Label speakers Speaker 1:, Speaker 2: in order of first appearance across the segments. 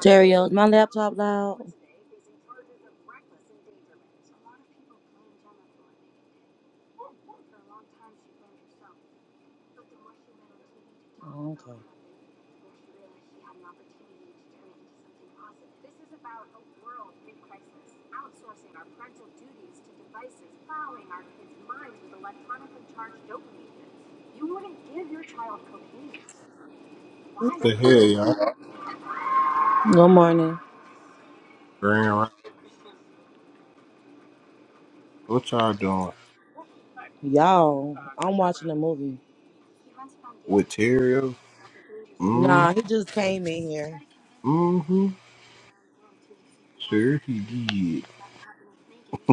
Speaker 1: Terrio, is my laptop loud? Oh, okay.
Speaker 2: The hell, y'all?
Speaker 1: Good morning.
Speaker 2: Grand Ri- What y'all doing?
Speaker 1: Y'all, I'm watching a movie.
Speaker 2: With Terrio? Mm
Speaker 1: Nah, he just came in here.
Speaker 2: hmm. Sure he did.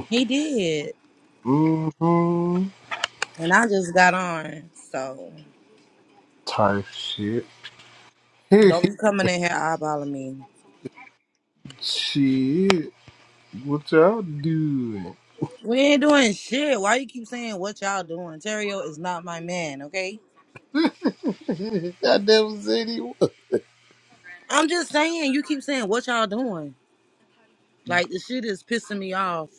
Speaker 1: He did.
Speaker 2: Mm hmm.
Speaker 1: And I just got on. So
Speaker 2: Type shit.
Speaker 1: don't be coming in here eyeballing me.
Speaker 2: shit. What y'all doing?
Speaker 1: We ain't doing shit. Why you keep saying what y'all doing? Terrio is not my man, okay?
Speaker 2: I never said he was.
Speaker 1: I'm just saying you keep saying what y'all doing. Like the shit is pissing me off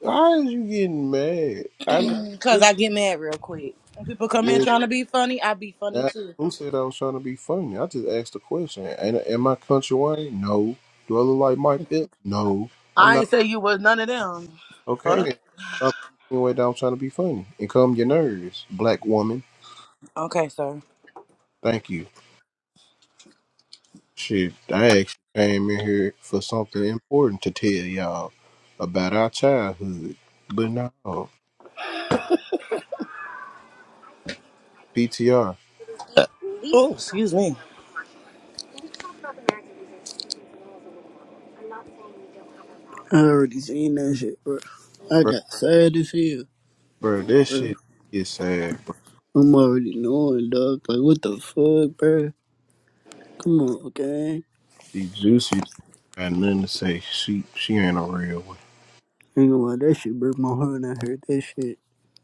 Speaker 2: Why is you getting mad? I didn't
Speaker 1: because
Speaker 2: think
Speaker 1: I get mad real quick. When people come in
Speaker 2: was
Speaker 1: trying to be funny, I be funny
Speaker 2: that.
Speaker 1: too.
Speaker 2: Who said I was trying to be funny? I just asked a question. Ain't, am I country Wayne? No. Do I look like Mike Epps? No. I'm
Speaker 1: I
Speaker 2: not.
Speaker 1: ain't say you was none of them. Fuck.
Speaker 2: Okay, then stop insinuating that I'm trying to be funny and calm your nerves, black woman.
Speaker 1: Okay, sir.
Speaker 2: Thank you. Shit, I actually came in here for something important to tell y'all about our childhood, but no, PTR,
Speaker 1: Oh, excuse me.
Speaker 3: I already seen that shit, bro. I
Speaker 2: bro,
Speaker 3: got sad as hell,
Speaker 2: bro, that
Speaker 3: bro.
Speaker 2: shit is sad. Bro.
Speaker 3: I'm already knowing, dog. Like, what the fuck, bro? Come on, gang.
Speaker 2: See, Juicy got nothing to say. She, she ain't a real one.
Speaker 3: Ain't gonna lie, that shit broke my heart when I heard that shit.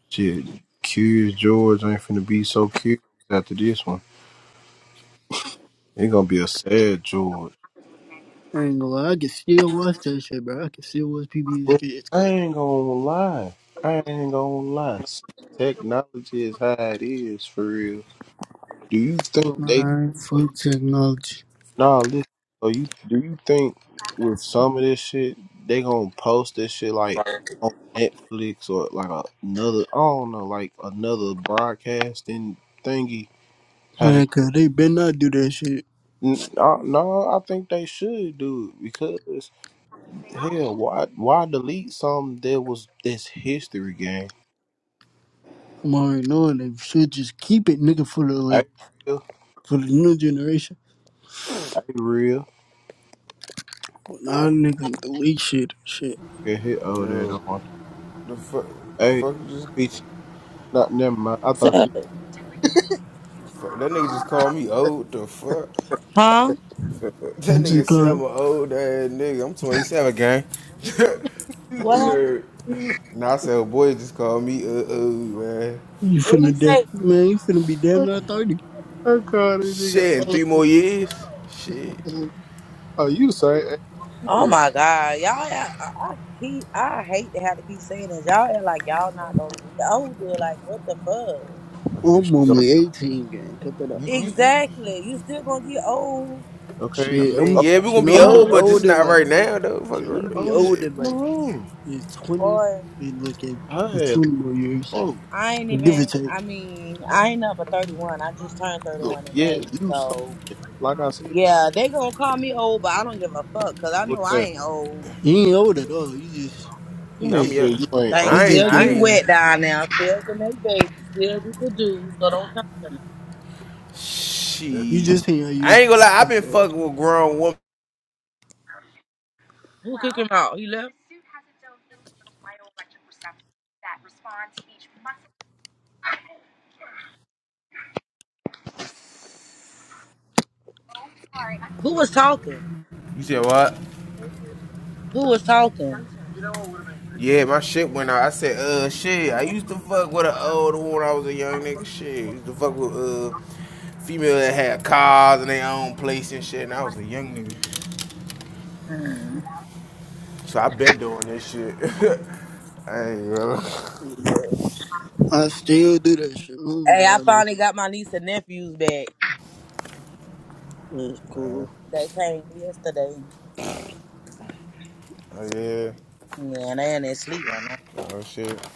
Speaker 2: Shit, Curious George ain't finna be so curious after this one. It' gonna be a sad George.
Speaker 3: Ain't gonna lie, I can still watch that shit, bro. I can still watch PBS
Speaker 2: Well,
Speaker 3: Kids,
Speaker 2: I
Speaker 3: cuz.
Speaker 2: ain't gonna lie. I ain't gonna lie. Since technology is how it is for real, do you think they
Speaker 3: Man, fuck technology.
Speaker 2: nah listen so you do you think with some of this shit they gonna post this shit like on Netflix or like a- another I don't know, like another broadcasting thingy? How
Speaker 3: Man,
Speaker 2: they
Speaker 3: cuz they better not do that shit.
Speaker 2: N- uh, no, I think they should do it because hell, why why delete something that was this history game?
Speaker 3: I'm already knowing they should just keep it, nigga, for the, like,
Speaker 2: Ain't real,
Speaker 3: for the new generation.
Speaker 2: ain't real.
Speaker 3: Nah, nigga, delete shit, shit.
Speaker 2: Yeah, he owe that
Speaker 4: Yo,
Speaker 2: on.
Speaker 4: the fuck,
Speaker 2: Hey,
Speaker 4: fuck just
Speaker 2: bitch, not never mind. I thought
Speaker 1: Sir?
Speaker 2: you.
Speaker 4: fuck, that nigga just called me old. The fuck,
Speaker 1: Huh?
Speaker 4: that
Speaker 3: What's
Speaker 4: nigga
Speaker 3: it
Speaker 4: said
Speaker 3: called?
Speaker 4: I'm an old ass nigga. I'm 27, gang.
Speaker 1: what
Speaker 4: I'm
Speaker 2: I
Speaker 1: happened?
Speaker 4: like, nah, I said, oh, boy, just called me uh oh man.
Speaker 3: You
Speaker 1: What
Speaker 3: finna
Speaker 1: you
Speaker 3: de-
Speaker 1: say?
Speaker 3: man, you finna be damn near thirty.
Speaker 2: called this nigga.
Speaker 4: Shit, in
Speaker 2: old.
Speaker 4: three more years, shit.
Speaker 2: Oh, you the same age. as
Speaker 1: Oh
Speaker 2: me.
Speaker 1: my god, y'all! I, I I keep I hate to have to keep saying this. Y'all act like y'all not gonna get older. Like what the fuck?
Speaker 2: Oh, Here she
Speaker 3: I'm
Speaker 4: You
Speaker 2: go.
Speaker 4: said,
Speaker 3: only eighteen, gang. Cut that up.
Speaker 4: you, you, you.
Speaker 1: Exactly. You still gonna get old,
Speaker 2: Okay.
Speaker 4: I
Speaker 3: Shit,
Speaker 4: mean,
Speaker 2: Oh,
Speaker 3: I'm
Speaker 4: yeah, we gonna
Speaker 3: shit.
Speaker 4: be
Speaker 3: I'm be
Speaker 4: old,
Speaker 2: oh,
Speaker 4: but just
Speaker 3: older
Speaker 4: not right
Speaker 3: like I'm-
Speaker 4: now though. Fuck
Speaker 3: shit.
Speaker 2: you the
Speaker 3: I'm
Speaker 4: right.
Speaker 3: be
Speaker 2: oldest
Speaker 4: Shit.
Speaker 3: older
Speaker 2: one in the
Speaker 3: like
Speaker 2: room.
Speaker 3: in twenty
Speaker 1: boy.
Speaker 3: and like in, in
Speaker 2: Hey,
Speaker 3: twenty more years,
Speaker 2: oh,
Speaker 1: I ain't
Speaker 3: give or
Speaker 1: even.
Speaker 3: take.
Speaker 1: I mean, I ain't up at thirty one. I just turned thirty one in
Speaker 2: yeah,
Speaker 1: May.
Speaker 2: you something.
Speaker 1: So
Speaker 2: Like I said,
Speaker 1: yeah, they gonna call me old, but I don't give a fuck because I
Speaker 2: over
Speaker 1: know I
Speaker 2: there.
Speaker 1: ain't old.
Speaker 3: You ain't old at all. You just
Speaker 2: You
Speaker 3: you
Speaker 4: Man,
Speaker 2: nigga
Speaker 4: I'm
Speaker 3: just
Speaker 4: young.
Speaker 2: said you ain't
Speaker 1: Things
Speaker 3: you
Speaker 2: old.
Speaker 4: I ain't,
Speaker 3: just
Speaker 1: still
Speaker 4: I
Speaker 3: getting
Speaker 1: get
Speaker 4: ain't.
Speaker 3: there.
Speaker 1: wet down now. Still can make babies. Still we could do. So don't come to me.
Speaker 3: You
Speaker 4: Shit,
Speaker 3: just in your
Speaker 4: I
Speaker 3: youth.
Speaker 4: ain't gonna lie. I've
Speaker 3: That's
Speaker 4: been
Speaker 3: all.
Speaker 4: fucking with grown women.
Speaker 1: Who kicked him out? He left. Who was talking?
Speaker 4: You said what?
Speaker 1: Who was talking?
Speaker 4: Yeah, my shit went out. I said, uh, shit. I used to fuck with an old one when I was a young nigga. Shit, I used to fuck with uh, female that had cars and their own place and shit. And I was a young nigga, so I been doing this shit. I ain't gonna.
Speaker 3: I still do that shit. I don't know
Speaker 1: Hey,
Speaker 3: why.
Speaker 1: I
Speaker 3: That's
Speaker 1: finally got my niece and nephews back.
Speaker 3: that's
Speaker 4: Uh,
Speaker 3: cool.
Speaker 1: They came yesterday.
Speaker 4: oh yeah.
Speaker 1: Yeah, and they ain't sleep right now.
Speaker 4: Oh shit.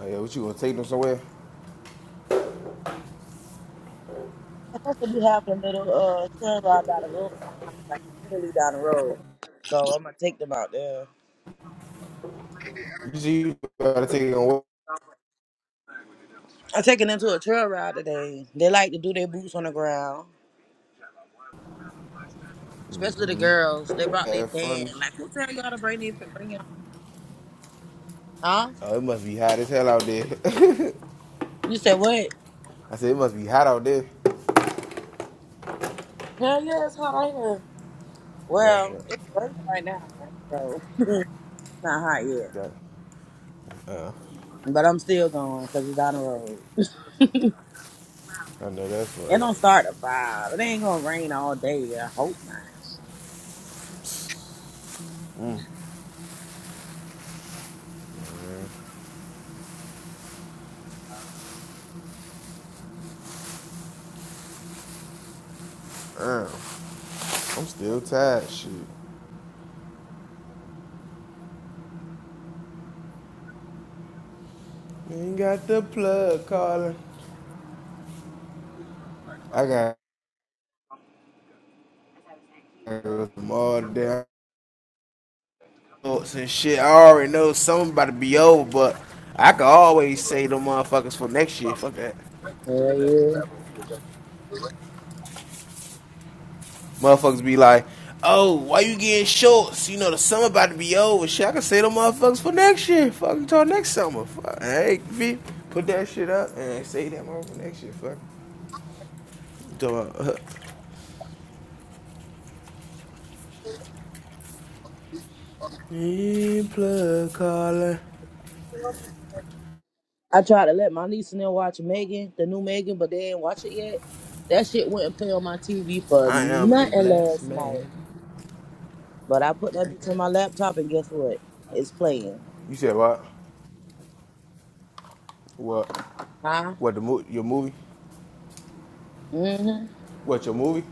Speaker 4: Oh yeah. What you gonna take them somewhere?
Speaker 1: We have a little uh sunrise down the road from my house, like literally down the road. So I'm gonna take them out there.
Speaker 4: You see, you gotta take them away.
Speaker 1: I'm taking them to a trail ride today. They like to do their boots on the ground, especially the girls. They brought their
Speaker 4: that
Speaker 1: fan.
Speaker 4: fun.
Speaker 1: Like who tell y'all to bring their bring y'all? Huh?
Speaker 4: Oh, it must be hot as hell out there.
Speaker 1: You said what?
Speaker 4: I said it must be hot out there.
Speaker 1: Hell yeah, it's hot out here.
Speaker 4: That's
Speaker 1: Well,
Speaker 4: right.
Speaker 1: it's raining right now, so it's not hot yet.
Speaker 4: That. Uh,
Speaker 1: But I'm still going because it's down the road.
Speaker 4: I know that's
Speaker 1: It
Speaker 4: right.
Speaker 1: don't start at five. It ain't gonna rain all day. I hope not.
Speaker 4: Mm. Mm. Damn, I'm still tired. Shit, ain't got the plug calling. I got some all the damn thoughts and shit. I already know something about to be over, but I can always say them motherfuckers for next year. Fuck that.
Speaker 1: Hell yeah.
Speaker 4: Motherfuckers be like, oh, why you getting shorts? You know the summer about to be over. Shit, I can say them motherfuckers for next year. Fuck until next summer. Fuck, hey, V, put that shit up and say that motherfucker for next year. Fuck. Talking about, uh, plug calling.
Speaker 1: I tried to let my niece and them watch Megan, the new Megan, but they ain't watch it yet. That shit wouldn't play on my TV for
Speaker 4: I am a
Speaker 1: nothing
Speaker 4: blessed
Speaker 1: last night.
Speaker 4: man.
Speaker 1: But I put that bitch on my laptop and guess what? It's playing.
Speaker 4: You said what? What?
Speaker 1: Huh?
Speaker 4: What the mo- your movie?
Speaker 1: Mm-hmm.
Speaker 4: What your movie?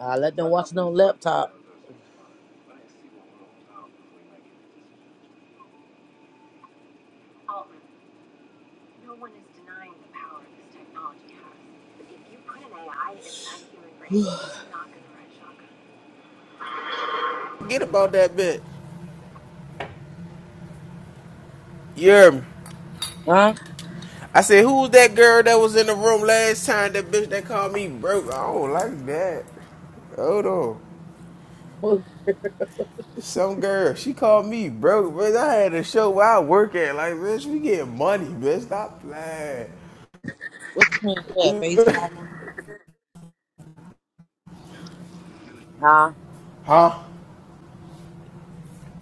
Speaker 1: I let them watch it on laptop.
Speaker 4: Forget about that bitch. You hear me?
Speaker 1: Huh?
Speaker 4: I said, who was that girl that was in the room last time? That bitch that called me broke. I don't like that. Hold on.
Speaker 1: What,
Speaker 4: Some girl, she called me broke, bitch. I had a show where I work at. Like, bitch, we getting money, bitch. Stop playing.
Speaker 1: what you mean? Yeah, FaceTime them? Huh?
Speaker 4: Huh?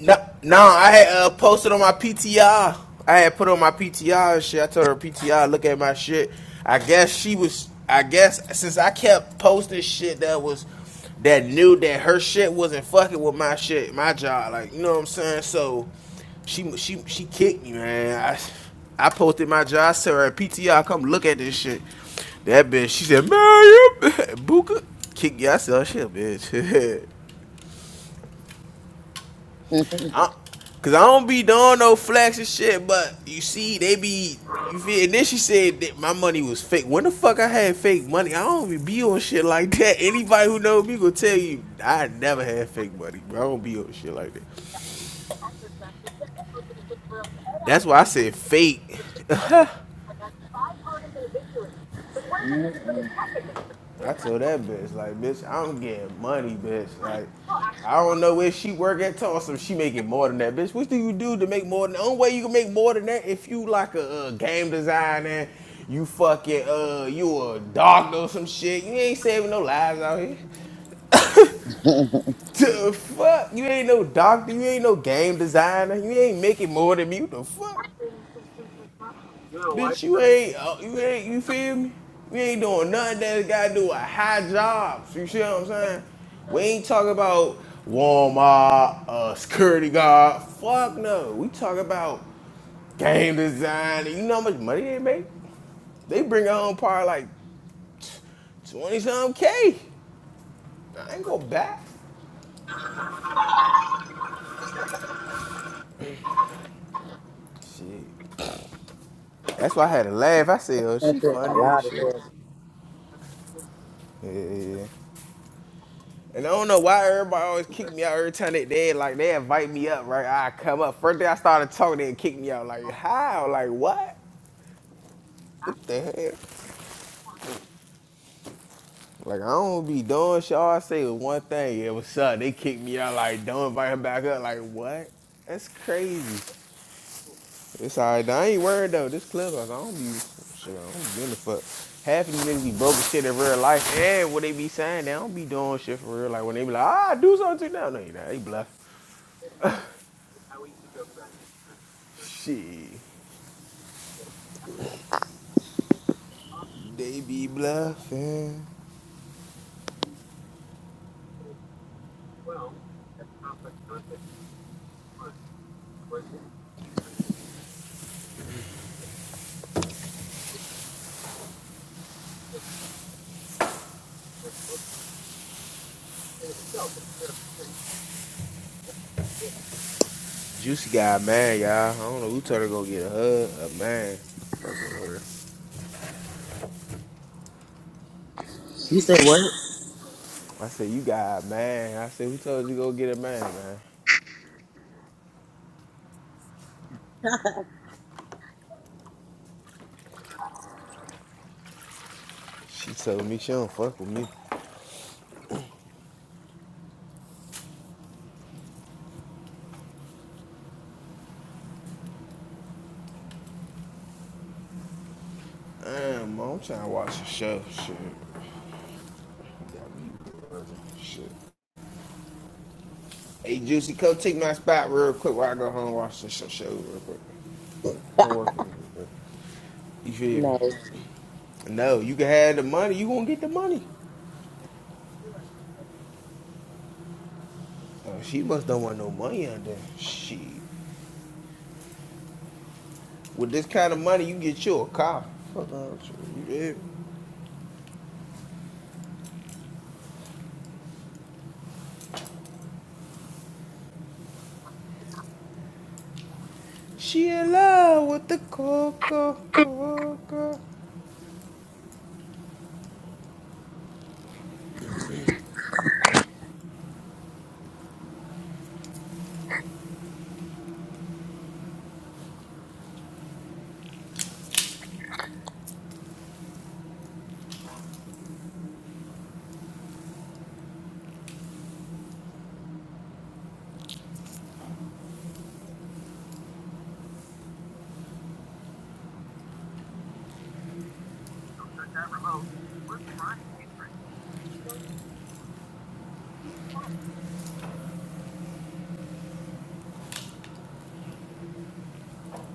Speaker 4: No, no, I had uh, posted on my PTR. I had put on my PTR and shit. I told her PTR, look at my shit. I guess she was. I guess since I kept posting shit that was that knew that her shit wasn't fucking with my shit, my job, like you know what I'm saying. So she she she kicked me, man. I I posted my job. I said, her PTR, come look at this shit. That bitch, she said, man, you Buka kick yourself, shit, bitch.
Speaker 1: that
Speaker 4: I, Cause I don't be doing no flex and shit, but you see, they be you feel. And then she said that my money was fake. When the fuck I had fake money? I don't even be on shit like that. Anybody who knows me gonna tell you I never had fake money, bro. I don't be on shit like that. That's why I said fake. I told that bitch, like, bitch, I'm getting money, bitch. Like, I don't know where she work at Tulsa. She making more than that, bitch. What do you do to make more than that? The Only way you can make more than that if you like a, uh game designer, you fucking uh, you a doctor or some shit. You ain't saving no lives out here. The fuck? You ain't no doctor. You ain't no game designer. You ain't making more than me. What the fuck? Bitch, you ain't, uh, you ain't, you feel me? We ain't doing nothing that gotta do with high jobs. You see what I'm saying? We ain't talking about Walmart, uh, security guard. Fuck no. We talk about game design. You know how much money they make? They bring home probably like 20 something K. I ain't go back. Shit. That's why I had to laugh. I said, oh, she
Speaker 1: shit got
Speaker 4: funny as
Speaker 1: loud as
Speaker 4: shit.
Speaker 1: hell.
Speaker 4: Yeah. yeah, yeah. And I don't know why everybody always kick me out every time they did. Like they invite me up, right? I come up. First day I started talking, they kick me out. Like how? Like what? What the hell? Like I don't be doing shit. All I say is one thing. Yeah, what's up? They kick me out. Like don't invite him back up. Like what? That's crazy. It's alright. I ain't worried though. This clubhouse, I don't be shit. I don't give a fuck. Half of these niggas be broke as shit in real life. And what they be saying, they don't be doing shit for real. Like when they be like, ah, do something to them. No, you not. They bluff. Shit. They be bluffing. Juicy got mad, y'all. I don't know who told her to go get a hug. A man. Fucking with
Speaker 1: You said what?
Speaker 4: I said, you got mad. I said, who told you to go get a man, man? She told me she don't fuck with me. Damn, man, I'm trying to watch the show. Shit. Shit. Hey, Juicy, come take my spot real quick while I go home and watch the show, show real quick. Come work with me. real quick. You feel me?
Speaker 1: No.
Speaker 4: No, you can have the money. You gonna get the money. Oh, she must don't want no money out there. Shit. With this kind of money, you get you a car. Fuck out you. She in love with the coco, coco.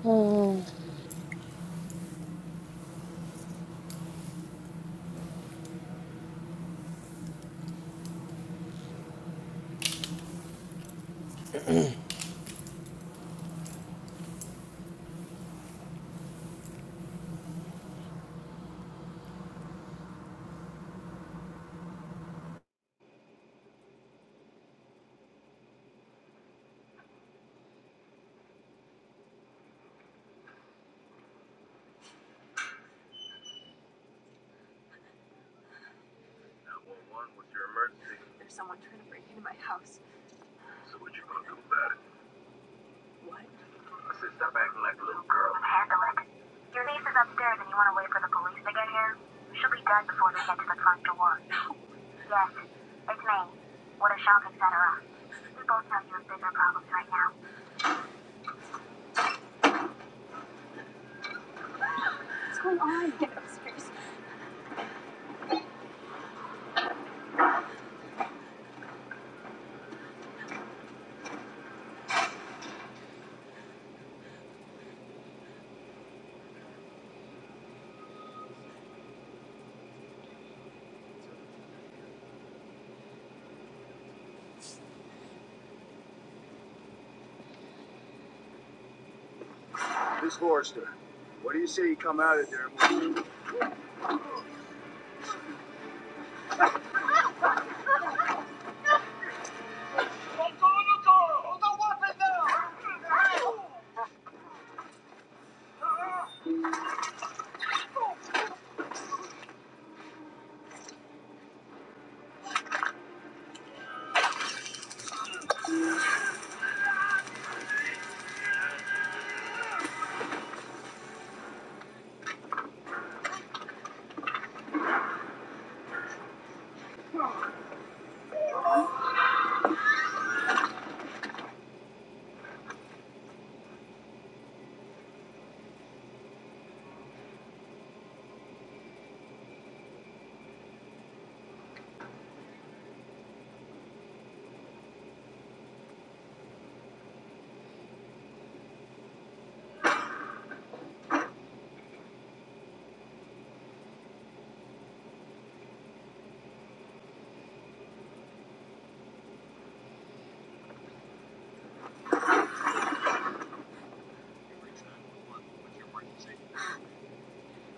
Speaker 1: Hmm.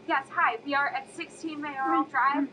Speaker 1: Yes, hi. We are at sixteen Mayoral Drive.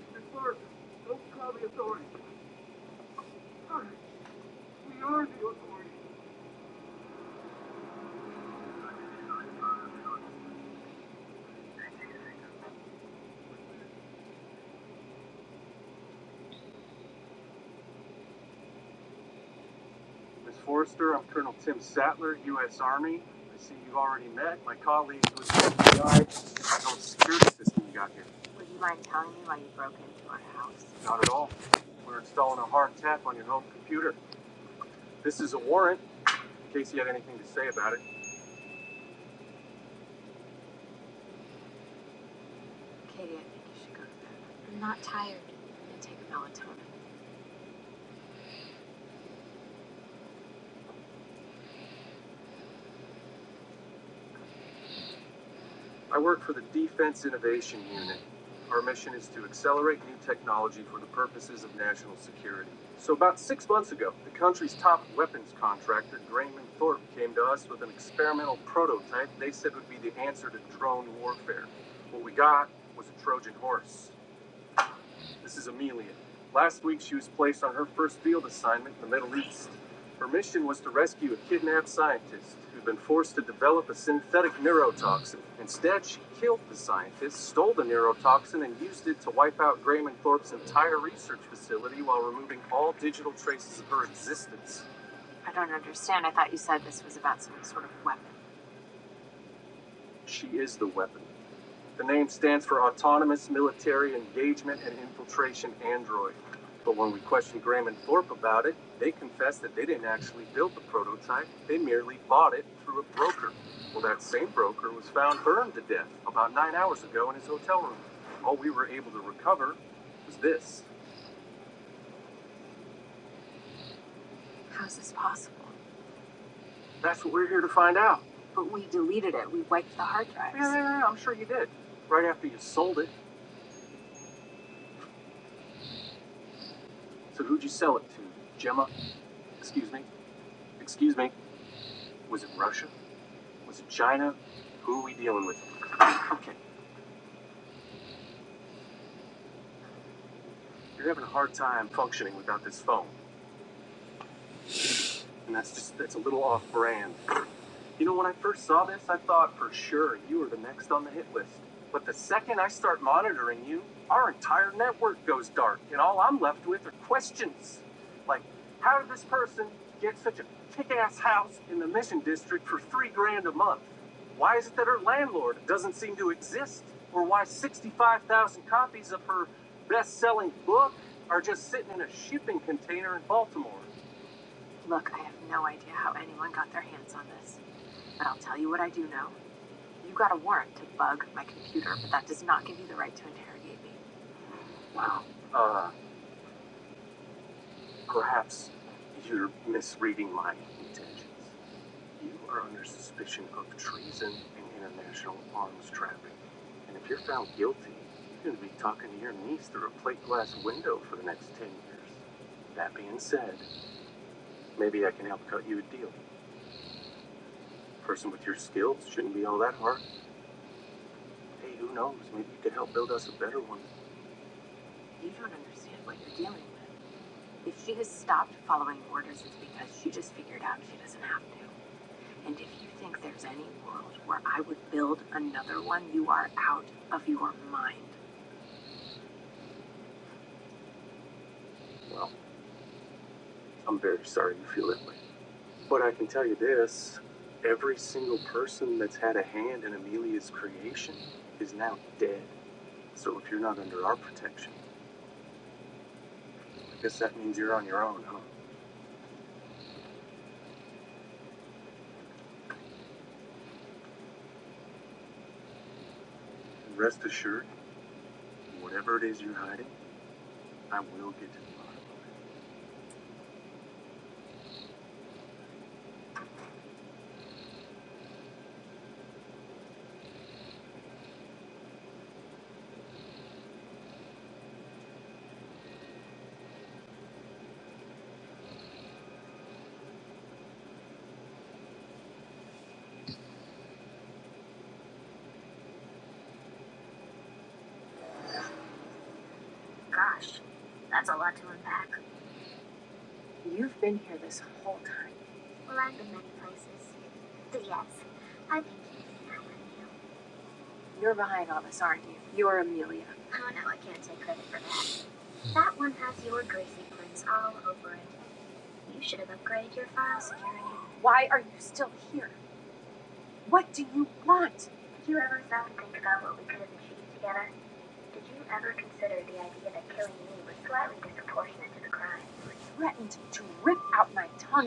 Speaker 1: Rip out my tongue.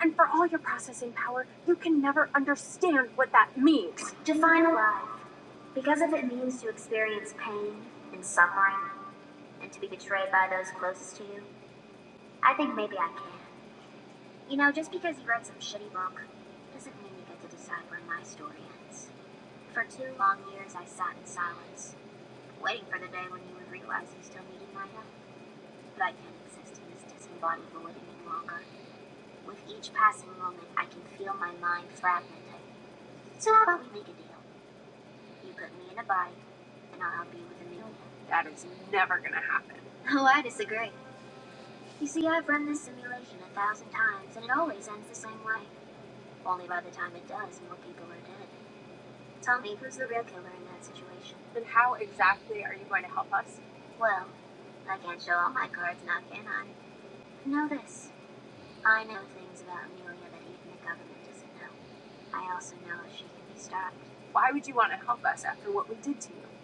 Speaker 1: And for all your processing power, you can never understand what that means. That is never going to happen. Then how exactly are you going to help us? Why would you want to help us after what we did to you?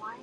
Speaker 1: Why